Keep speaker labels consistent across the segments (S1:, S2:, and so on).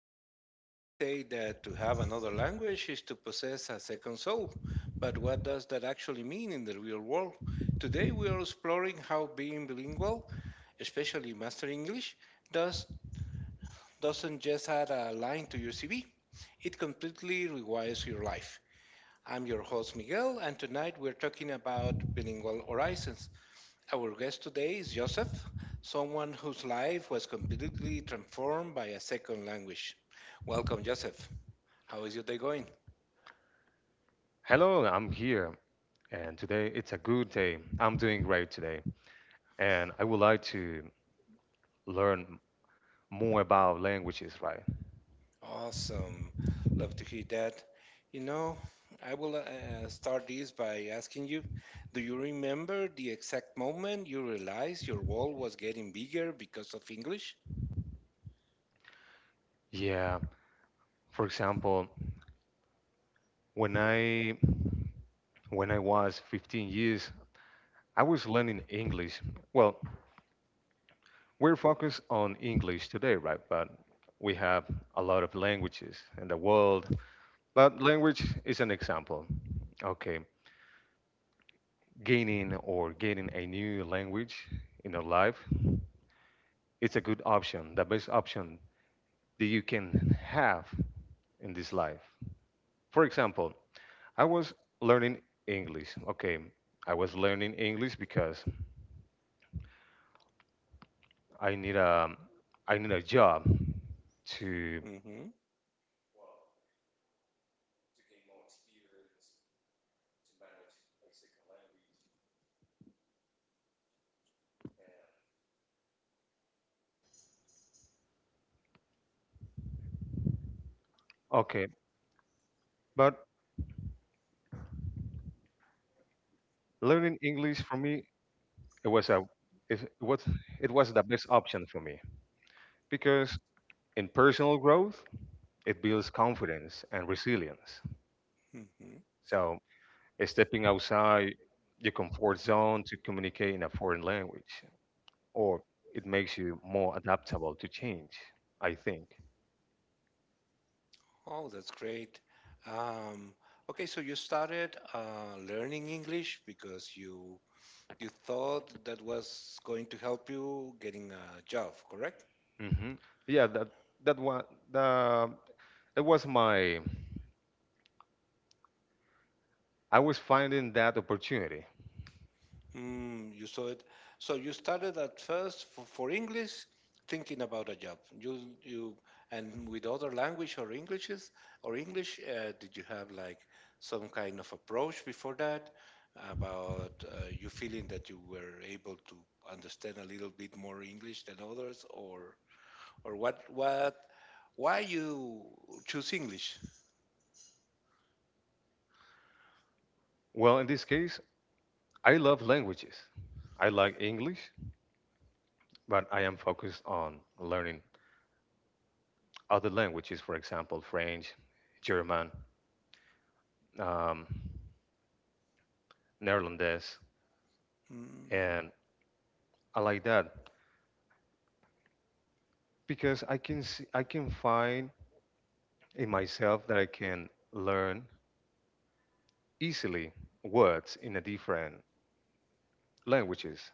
S1: everyone. They say that to have another language is to possess a second soul. But what does that actually mean in the real world? Today, we are exploring how being bilingual, especially mastering English, does, doesn't just add a line to your CV, it completely rewires your life. I'm your host, Miguel, and tonight we're talking about bilingual horizons. Our guest today is Joseph, someone whose life was completely transformed by a second language. Welcome, Joseph. How is your day going? Awesome. Love to hear that. You know, I will start this by asking you, do you remember the exact moment you realized your world was getting bigger because of English? Mm-hmm.
S2: Okay, but learning English for me, it was a it was it was the best option for me, because in personal growth it builds confidence and resilience.
S1: Mm-hmm.
S2: So stepping outside your comfort zone to communicate in a foreign language, or it makes you more adaptable to change, I think.
S1: Oh, that's great. Um, okay, so you started learning English because you you thought that was going to help you getting a job, correct?
S2: Hmm. Yeah, that that one the it was my I was finding that opportunity.
S1: Mm, you saw it. So you started at first for English, thinking about a job. You and with other language or Englishes or English, did you have like some kind of approach before that about you feeling that you were able to understand a little bit more English than others, or what why you choose English?
S2: Well, in this case, I love languages. I like English, but I am focused on learning other languages, for example, French, German, um, Netherlands,
S1: Mm.
S2: and I like that because I can see, I can find in myself that I can learn easily words in a different languages,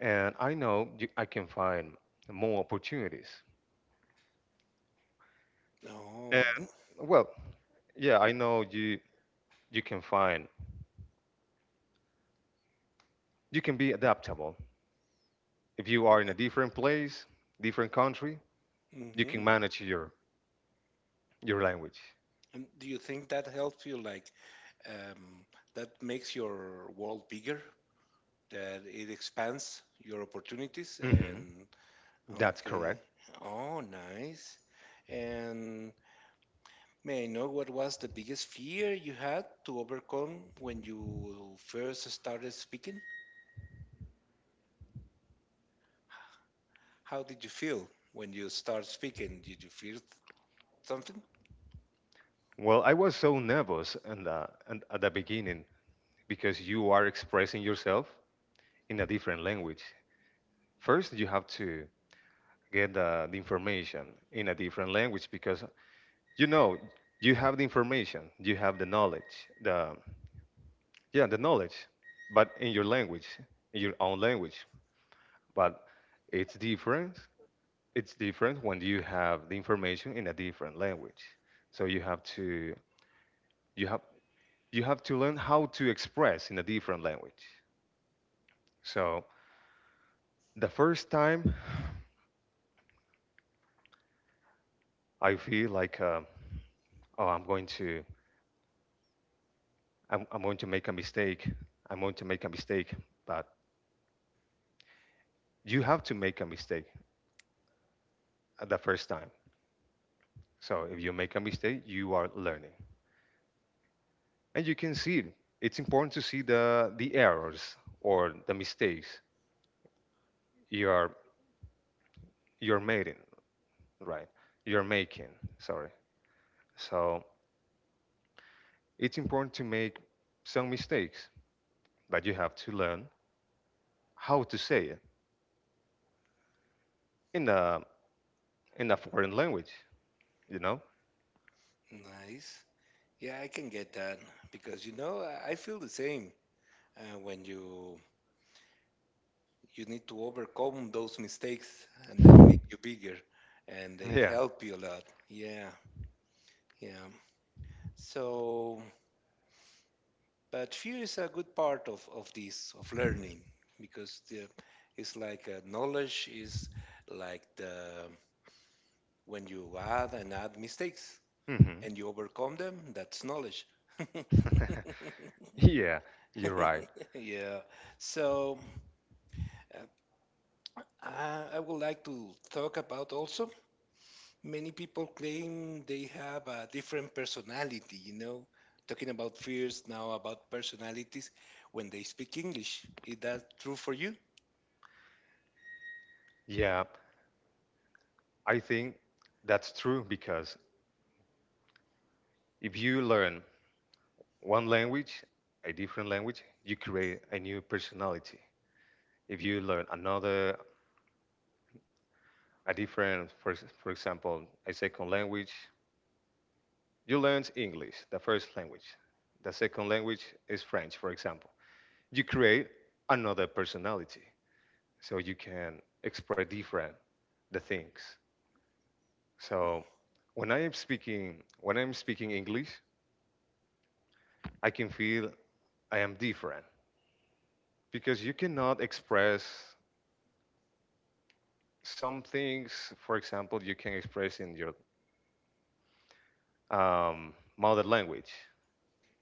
S2: and I know you, I can find more opportunities. And well, yeah, I know, you can find you can be adaptable if you are in a different place, different country, you can
S1: Oh.
S2: manage your language.
S1: And do you think that helps you, like, um, that makes your world bigger, that it expands your opportunities?
S2: Hmm.
S1: And
S2: That's correct.
S1: okay, oh, nice. And may I know what was the biggest fear you had to overcome when you first started speaking? How did you feel when you start speaking? Did you feel something?
S2: Well, I was so nervous and at the beginning, because you are expressing yourself in a different language. First, you have to get the information in a different language, because you know you have the information, you have the knowledge, the yeah, the knowledge, but in your language, in your own language. But it's different it's different when you have the information in a different language. So you have you have to learn how to express in a different language. So the first time I feel like oh, I'm going to make a mistake. I'm going to make a mistake, but you have to make a mistake at the first time. So if you make a mistake, you are learning. And you can see it. It's important to see the errors or the mistakes you are you're making, right, you're making, sorry, so it's important to make some mistakes, but you have to learn how to say it in a in a foreign language you know
S1: Nice. Yeah, I can get that because you know I feel the same when you need to overcome those mistakes and they make you bigger and they
S2: yeah.
S1: help you a lot. Yeah, yeah. So but fear is a good part of this of learning, because the it's like knowledge is like the when you add and add mistakes
S2: Hmm.
S1: and you overcome them, that's knowledge.
S2: Yeah, you're right.
S1: Yeah, so uh, I would like to talk about also, many people claim they have a different personality, you know, talking about fears now, about personalities when they speak English. Is that true for you?
S2: Yeah, I think that's true, because if you learn one language, a different language, you create a new personality. If you learn another, a different, for example, a second language. You learned English, the first language. The second language is French, for example. You create another personality, so you can express different the things. So when I'm speaking English, I can feel I am different, because you cannot express some things, for example, you can express in your mother language.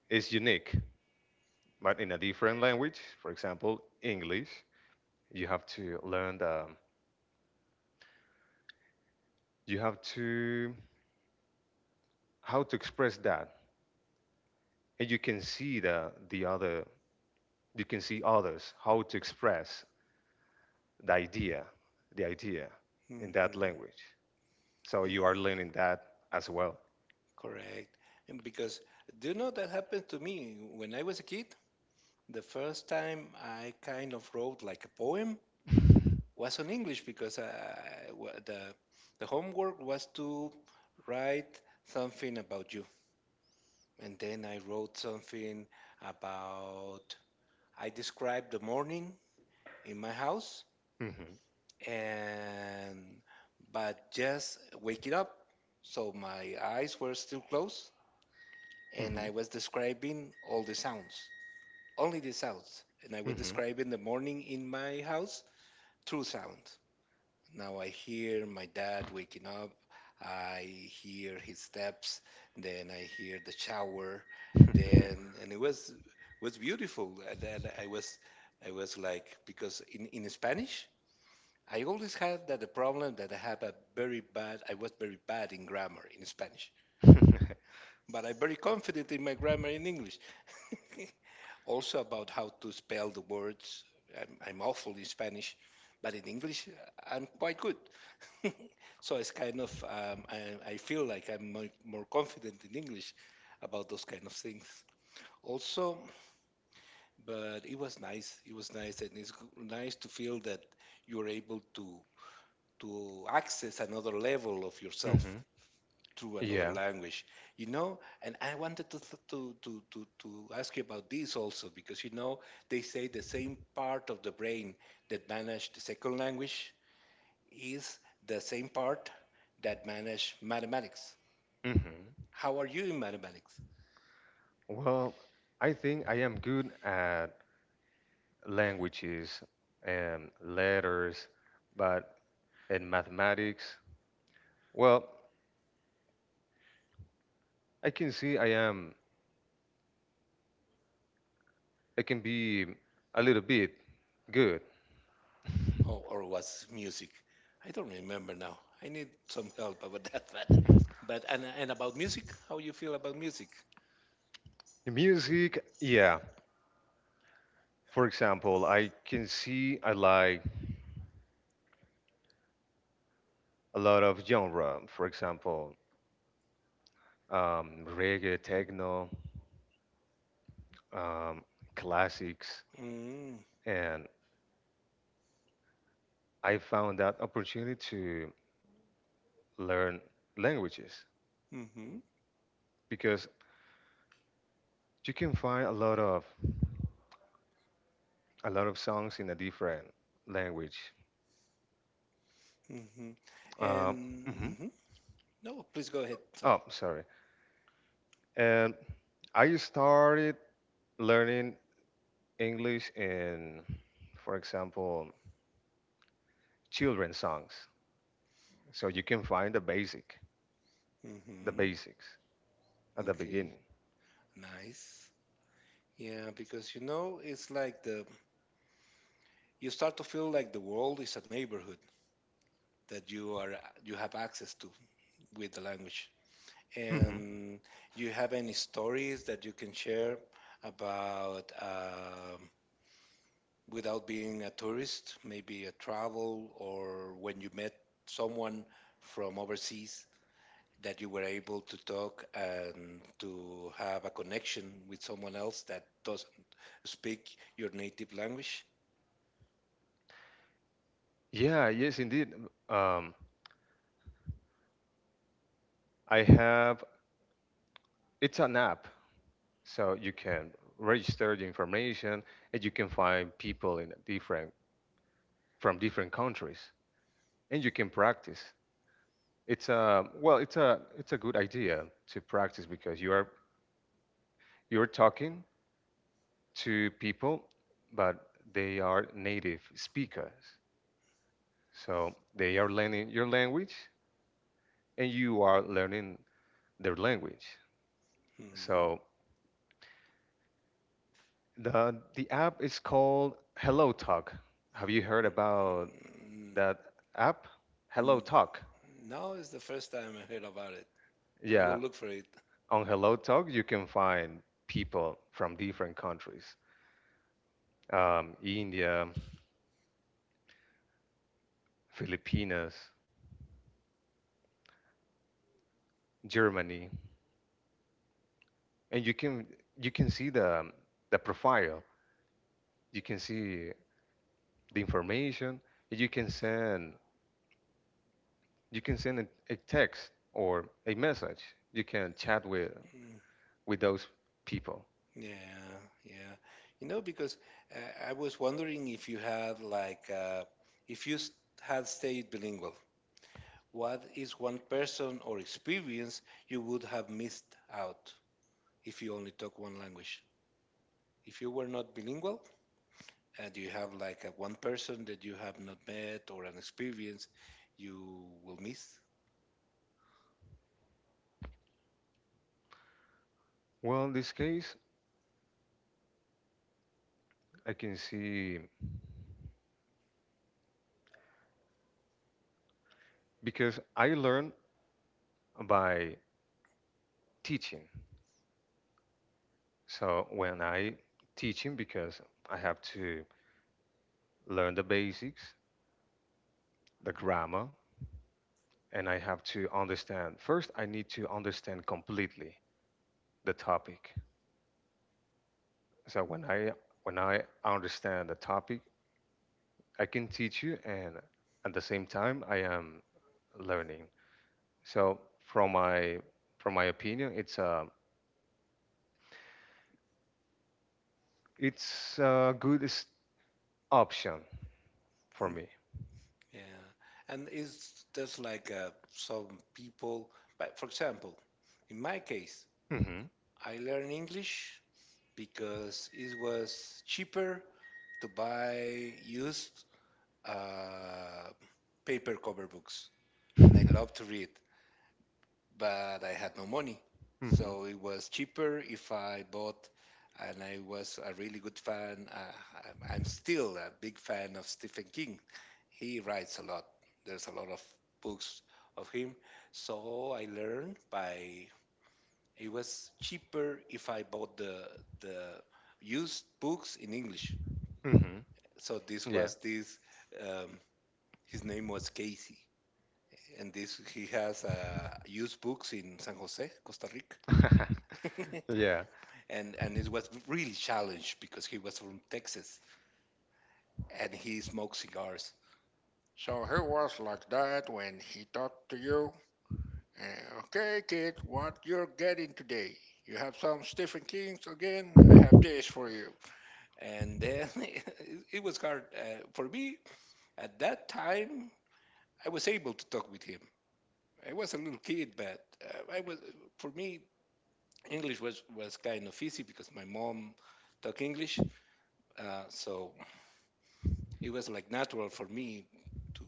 S2: It's unique, but in a different language, for example, English, you have to learn the you have to how to express that. And you can see others how to express the idea the idea in
S1: Hmm,
S2: that language, so you are learning that as well.
S1: correct. And because do you know that happened to me when I was a kid? The first time I kind of wrote like a poem was on English, because the homework was to write something about you. And then I wrote something about, I described the morning in my house,
S2: Mhm,
S1: and but just waking up, so my eyes were still closed and I
S2: mhm,
S1: was describing all the sounds, only the sounds, and I was
S2: mhm.
S1: describing the morning in my house through sound. Now I hear my dad waking up, I hear his steps, then I hear the shower, then, and it was beautiful. And I was like, because in Spanish I always had that the problem that I had a very bad, I was very bad in grammar in Spanish, but I'm very confident in my grammar in English. Also, about how to spell the words, I'm awful in Spanish, but in English I'm quite good. So it's kind of I feel like I'm more confident in English about those kind of things. Also, but it was nice. It was nice, and it's nice to feel that you're able to access another level of yourself
S2: Mhm,
S1: through another
S2: yeah,
S1: language, you know. And I wanted to to ask you about this also, because you know they say the same part of the brain that manage the second language is the same part that manage mathematics.
S2: mhm.
S1: How are you in mathematics?
S2: Well, I think I am good at languages and letters, but in mathematics. Well, I can see I can be a little bit good.
S1: Oh, or was music? I don't remember now, I need some help about that. But And about music, how you feel about music?
S2: The music, yeah. For example, I can see I like a lot of genre. For example, reggae, techno, um, classics,
S1: Mm-hmm.
S2: and I found that opportunity to learn languages,
S1: Mm-hmm.
S2: because you can find a lot of songs in a different language.
S1: Hmm.
S2: Uh, mhm.
S1: And hmm, no, please go ahead.
S2: Oh, sorry. And I started learning English in, for example, children's songs. So you can find the basic, the
S1: Hmm.
S2: basics at the
S1: Okay,
S2: beginning.
S1: nice. Yeah, because you know, it's like the you start to feel like the world is a neighborhood that you have access to with the language.
S2: Hmm.
S1: And you have any stories that you can share about without being a tourist, maybe a travel or when you met someone from overseas, that you were able to talk and to have a connection with someone else that doesn't speak your native language?
S2: Yeah, yes, indeed. Um, I have, it's an app, so you can register the information and you can find people in different, from different countries, and you can practice. It's a well, it's a good idea to practice, because you're talking to people, but they are native speakers. So they are learning your language and you are learning their language. So the app is called Hello Talk. Have you heard about
S1: Mm,
S2: that app? Hello Talk.
S1: now is the first time I heard about it.
S2: Yeah,
S1: Look for it.
S2: on Hello Talk you can find people from different countries. India, Filipinas, Germany, and you can see the profile. You can see the information. You can send you can send a text or a message. You can chat with
S1: Mm,
S2: with those people.
S1: yeah, yeah. You know, because I was wondering if you had like, if you had stayed bilingual, what is one person or experience you would have missed out if you only talk one language? If you were not bilingual, and you have like a one person that you have not met or an experience you will miss.
S2: Well, in this case, I can see because I learn by teaching. So when I teaching, because I have to learn the basics, the grammar, and I have to understand. First, I need to understand completely the topic. So when I understand the topic, I can teach you, and at the same time, I am learning. So from my from my opinion, it's a good option for
S1: Mm,
S2: me.
S1: yeah, and it's just like some people. But for example, in my case,
S2: Hmm,
S1: I learned English because it was cheaper to buy used uh, paper cover books, and I love to read. But I had no money.
S2: hmm,
S1: So it was cheaper if I bought, and I was a really good fan. I'm still a big fan of Stephen King. He writes a lot, there's a lot of books of him. So I learned by, it was cheaper if I bought the used books in English.
S2: hmm.
S1: So this
S2: Yeah.
S1: was this, um, his name was Casey. And this he has used books in San Jose, Costa Rica.
S2: Yeah.
S1: And it was really challenged because he was from Texas and he smoked cigars. So he was like that when he talked to you. Okay, kid, what you're getting today? You have some Stephen King's again. I have this for you. And then it was hard for me at that time. I was able to talk with him. I was a little kid, but I was, for me English was kind of easy because my mom talked English, so it was like natural for me to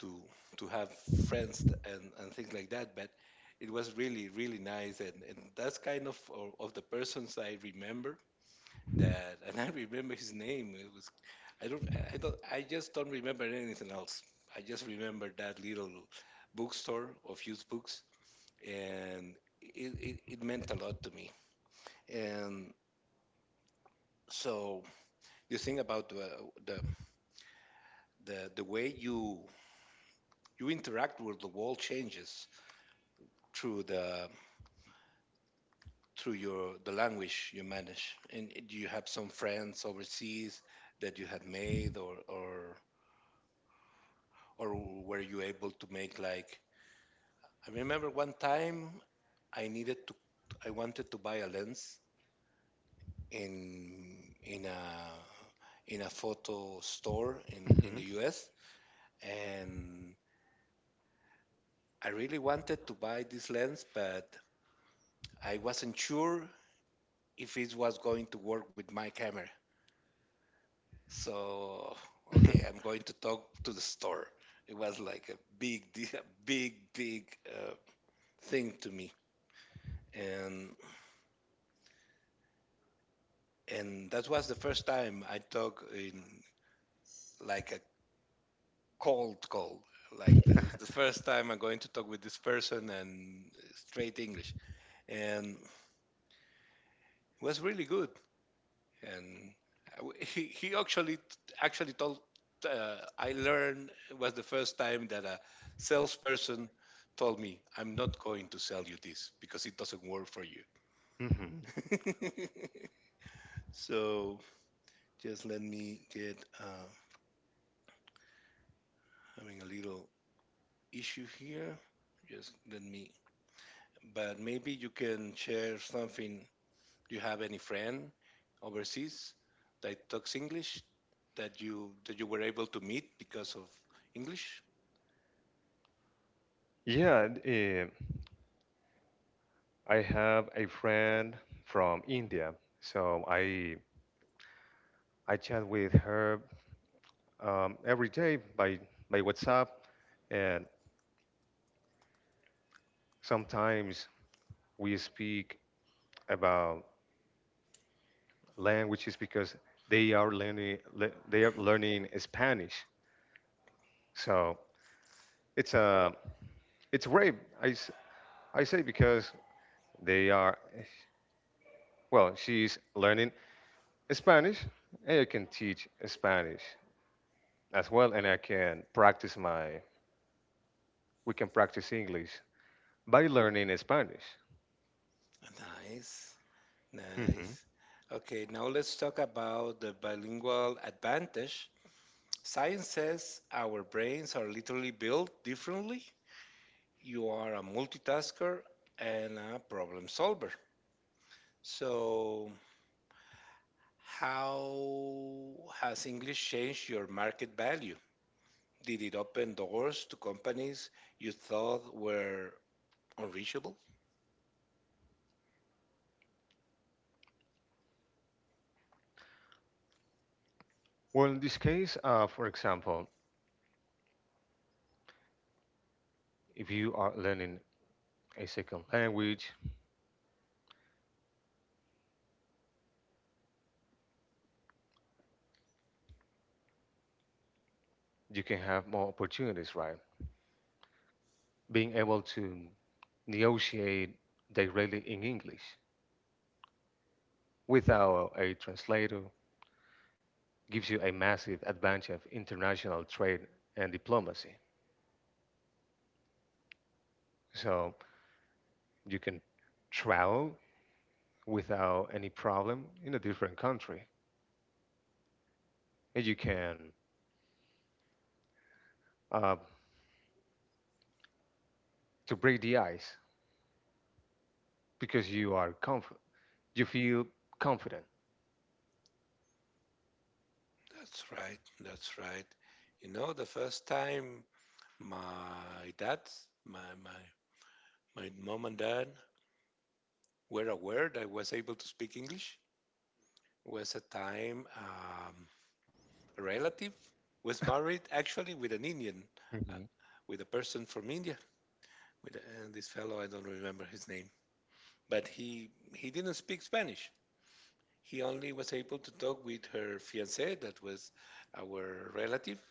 S1: to have friends and things like that. But it was really really nice. And that's kind of of the persons I remember, that and I remember his name. It was, i don't I don't I just don't remember anything else. I just remember that little bookstore of used books, and it meant a lot to me. And so you think about the the way you interact with the world changes through the through your the language you manage. And do you have some friends overseas that you had made? Or were you able to make, like I remember one time I needed to, I wanted to buy a lens in in a in a photo store in the
S2: Mhm.
S1: US, and I really wanted to buy this lens, but I wasn't sure if it was going to work with my camera. So, okay, I'm going to talk to the store. It was like a a big thing to me. and and that was the first time I talk in like a cold call. Like the first time I'm going to talk with this person and straight English, and it was really good. And he actually told, I learned it was the first time that a salesperson told me, I'm not going to sell you this because it doesn't work for you.
S2: Mhm.
S1: So just let me get having a little issue here. Just let me. But maybe you can share something. Do you have any friend overseas that talks English that you were able to meet because of English?
S2: Yeah, I have a friend from India, so I chat with her every day by WhatsApp, and sometimes we speak about languages because they are learning Spanish. So it's a it's great. I I say, because they are, well, she's learning Spanish, and I can teach Spanish as well, and I can practice my, we can practice English by learning Spanish.
S1: Nice,
S2: hmm
S1: nice. Okay, now let's talk about the bilingual advantage. Science says our brains are literally built differently. You are a multitasker and a problem solver. So, how has English changed your market value? Did it open doors to companies you thought were unreachable?
S2: Well, in this case, for example, if you are learning a second language, you can have more opportunities, right? Being able to negotiate directly in English without a translator gives you a massive advantage of international trade and diplomacy. So you can travel without any problem in a different country, and you can uh, to break the ice because you are confident. You feel confident
S1: That's right, that's right. You know, the first time my dad, my, my, my mom and dad were aware that I was able to speak English was a time a relative was married actually with an Indian, uh, with a person from India, with a, and this fellow, I don't remember his name, but he didn't speak Spanish. He only was able to talk with her fiance, that was our relative,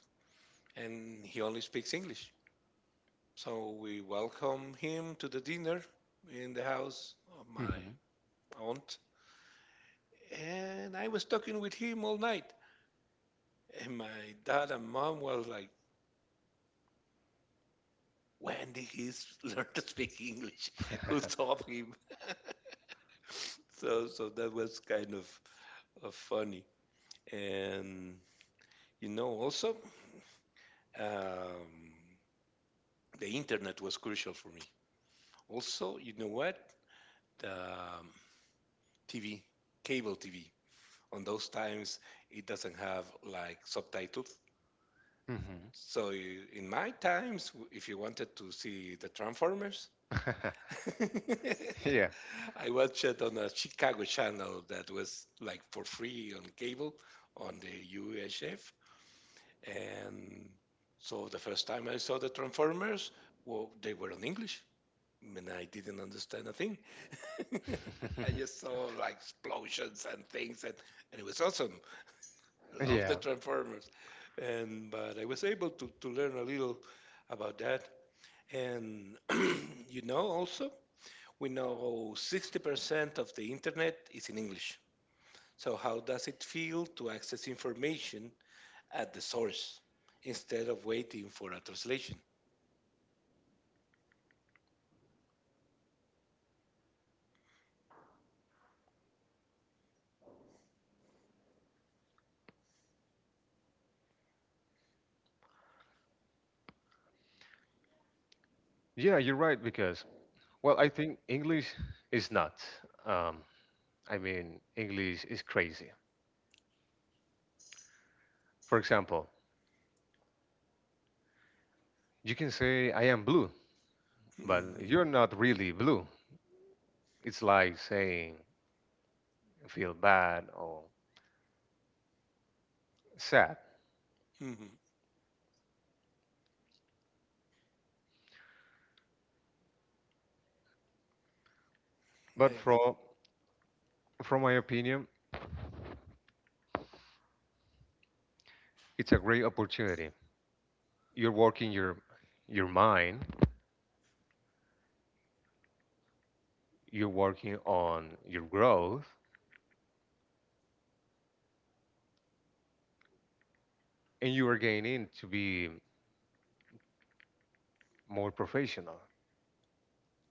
S1: and he only speaks English. So we welcome him to the dinner in the house of my aunt. And I was talking with him all night. And my dad and mom were like, when did he learn to speak English? Who taught him? So, so that was kind of funny. And, you know, also, um, the internet was crucial for me. Also, you know what? Um, TV, cable TV. On those times, it doesn't have like subtitles. So in my times, if you wanted to see the Transformers, I watched it on a Chicago channel that was like for free on cable on the UHF. And so the first time I saw the Transformers, well, they were in English, and I didn't understand a thing. I just saw like explosions and things, and, it was awesome. I love the Transformers, and but I was able to, learn a little about that. And you know, also we know 60% of the internet is in English. So how does it feel to access information at the source instead of waiting for a translation? Mhm, mhm. Eh,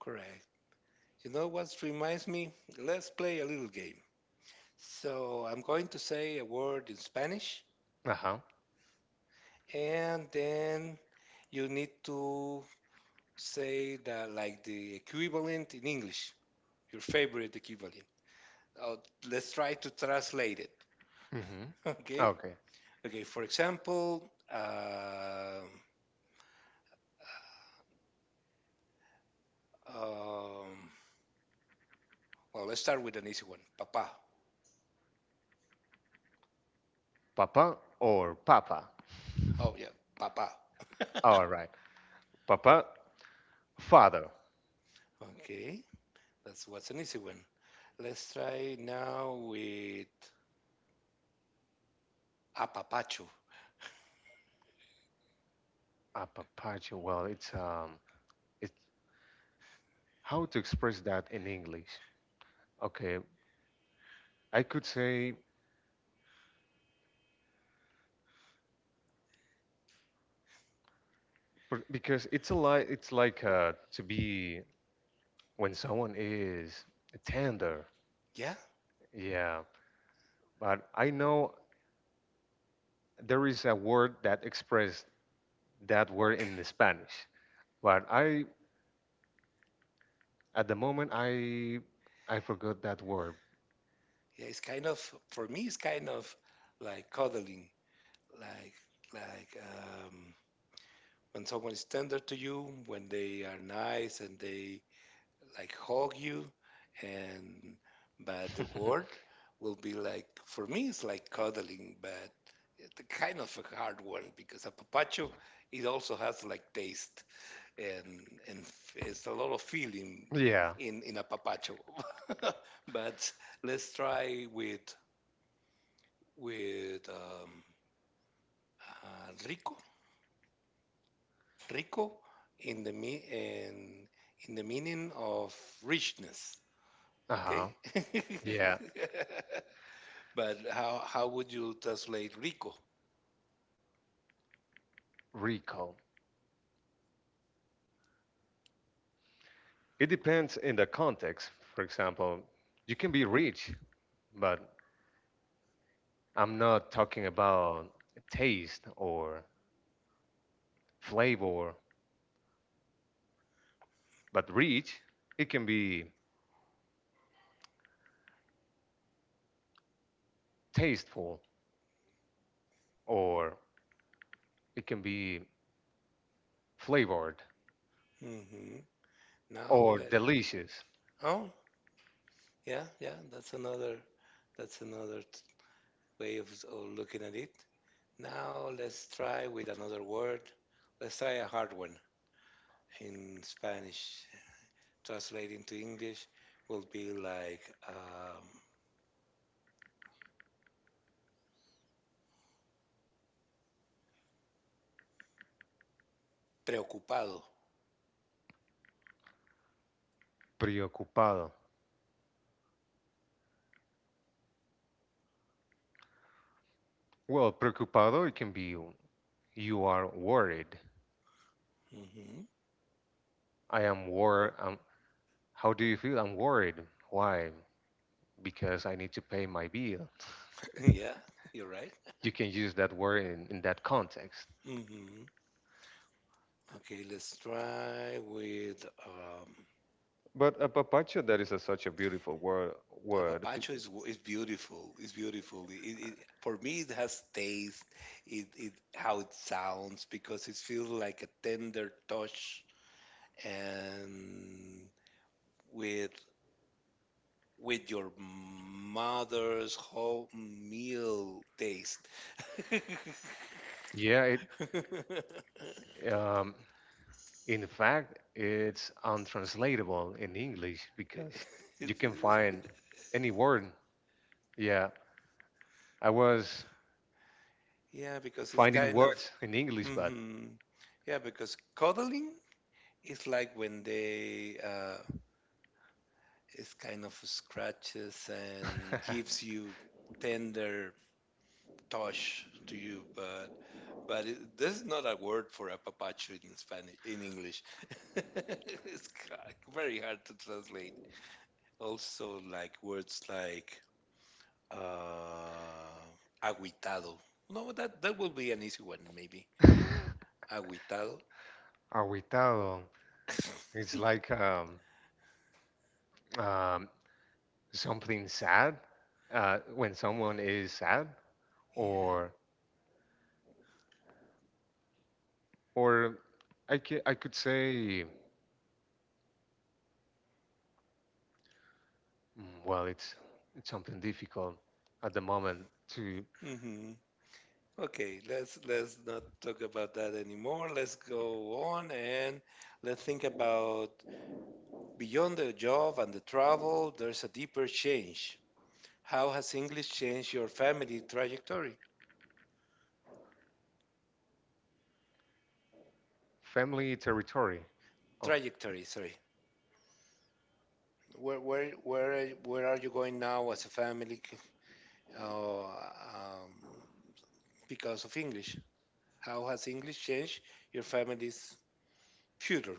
S1: Correct. You know what reminds me? Let's play a little game. So I'm going to say a word in Spanish, and then you need to say that like the equivalent in English, your favorite equivalent. Uh, let's try to translate it. Okay. Okay. For example, um, well, let's start with an easy one. Papa. Oh yeah, papa. Okay, that's what's an easy one. Let's try now with apapacho. Yeah, Yeah, it's kind of for me. It's kind of like cuddling, like like um, when someone is tender to you, when they are nice and they like hug you, and but the word will be like for me, it's like cuddling, but it's a kind of a hard one because a papacho it also has like taste and it's a lot of feeling in a papacho, but let's try with with um, rico, rico in the in, the meaning of richness. Okay, but how would you translate rico? Hmm. Now, oh yeah, yeah, that's another that's another t- way of, looking at it. Now let's try with another word. Let's try a hard one in Spanish. Translating to English will be like um, preocupado. Hmm. Yeah, you're right. Hmm. Okay, let's try with apapacho is is beautiful. It's beautiful. It, for me, it has taste. It how it sounds because it feels like a tender touch and with your mother's home meal taste. It's- Yeah, because hmm, yeah, because cuddling is like when they is kind of scratches and gives you tender touch to you, but it, there's not a word for a papacho in Spanish in English. It's very hard to translate. Also, like words like uh, aguitado. No, that will be an easy one maybe. Aguitado. Yeah. Hmm. Okay, let's not talk about that anymore. Let's go on and let's think about beyond the job and the travel, there's a deeper change. How has English changed your family trajectory? Trajectory, sorry. Where are you going now as a family uh, um, because of English? How has English changed your family's future?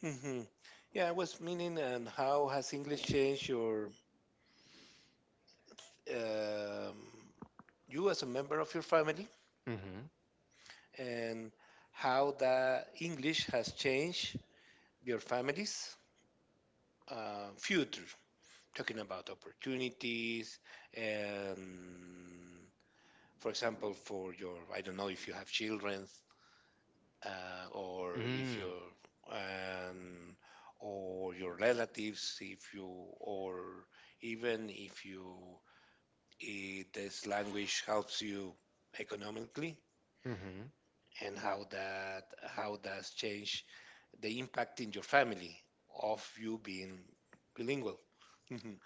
S1: Hmm. Yeah, I was meaning, and how has English changed your um, you as a member of your family and how the English has changed your family's future, talking about opportunities and, for example, for your, I don't know if you have children or if you um, or your relatives, if you, or even if you, if this language helps you economically and how that how does change the impact in your family of you being bilingual. Mhm.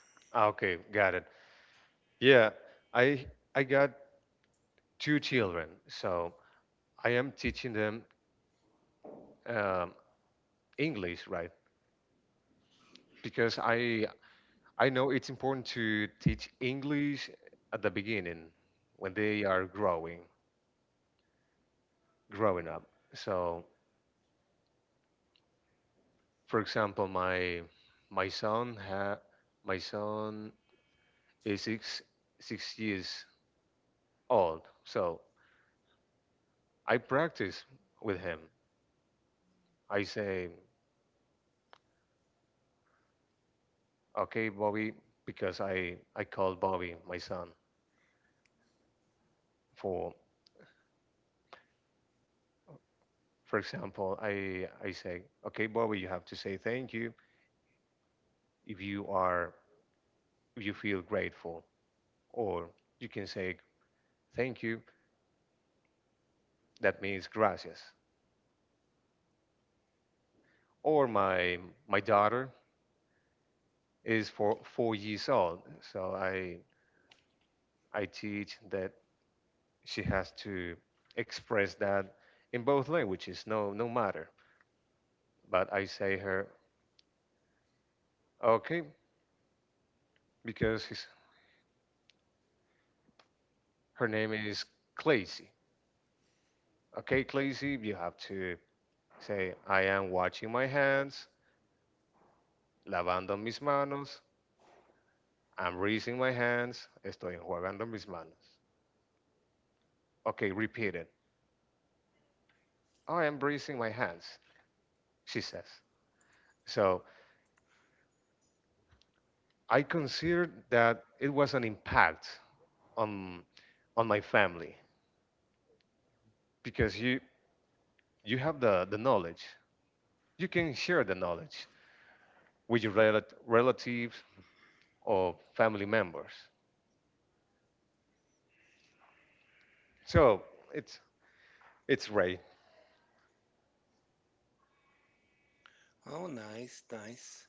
S1: Oh, nice, nice.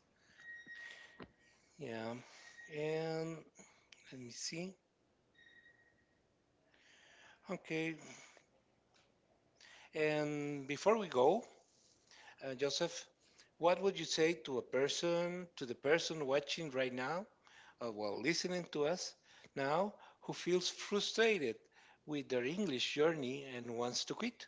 S1: Yeah. And let me see. Okay. And before we go, Joseph, what would you say to a person, to the person watching right now, well, listening to us now, who feels frustrated with their English journey and wants to quit?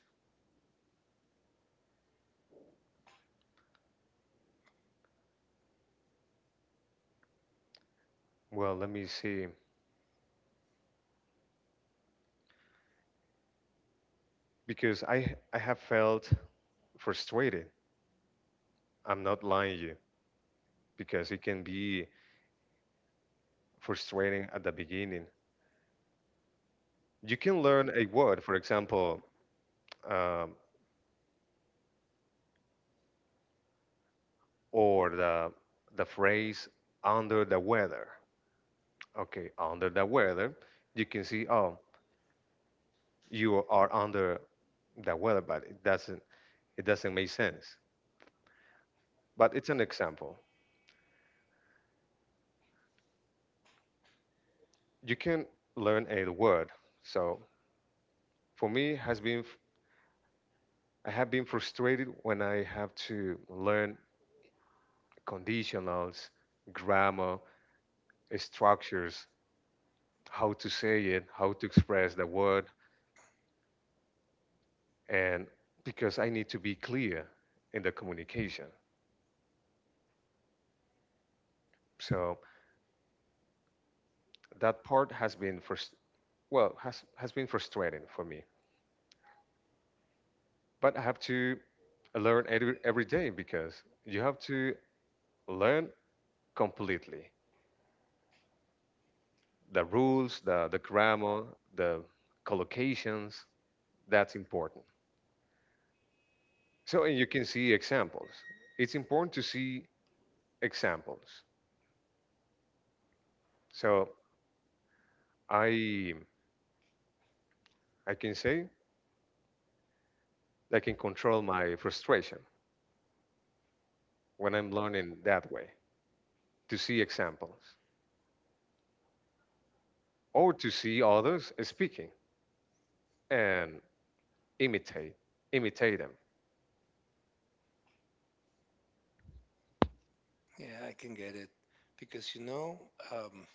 S1: Yeah, I can get it. Because, you know,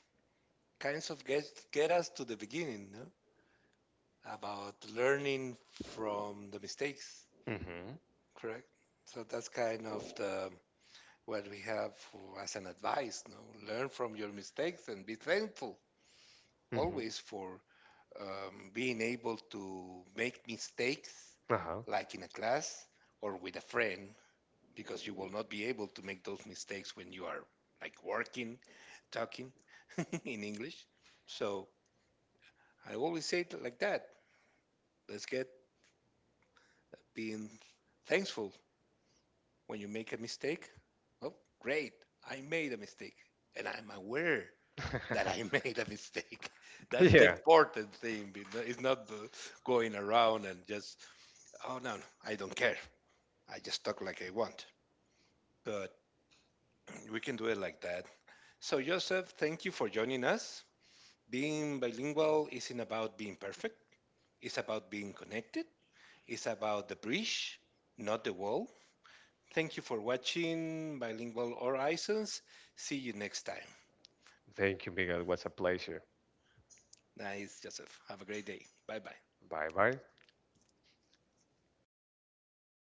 S1: kinds of get us to the beginning, no? About learning from the mistakes, correct? So that's kind of the what we have for, as an advice, no? Learn from your mistakes and be thankful always for being able to make mistakes, like in a class or with a friend, because you will not be able to make those mistakes when you are like working, talking in English. So I always say it like that let's get being thankful when you make a mistake. Oh, great, I made a mistake, and I'm aware that I made a mistake. That's the important thing. It's not the going around and just, oh, no, no, I don't care. I just talk like I want. But we can do it like that. So, Joseph, thank you for joining us. Being bilingual isn't about being perfect, it's about being connected, it's about the bridge, not the wall. Thank you for watching Bilingual Horizons. See you next time. Nice, Joseph. Have a great day. Bye bye.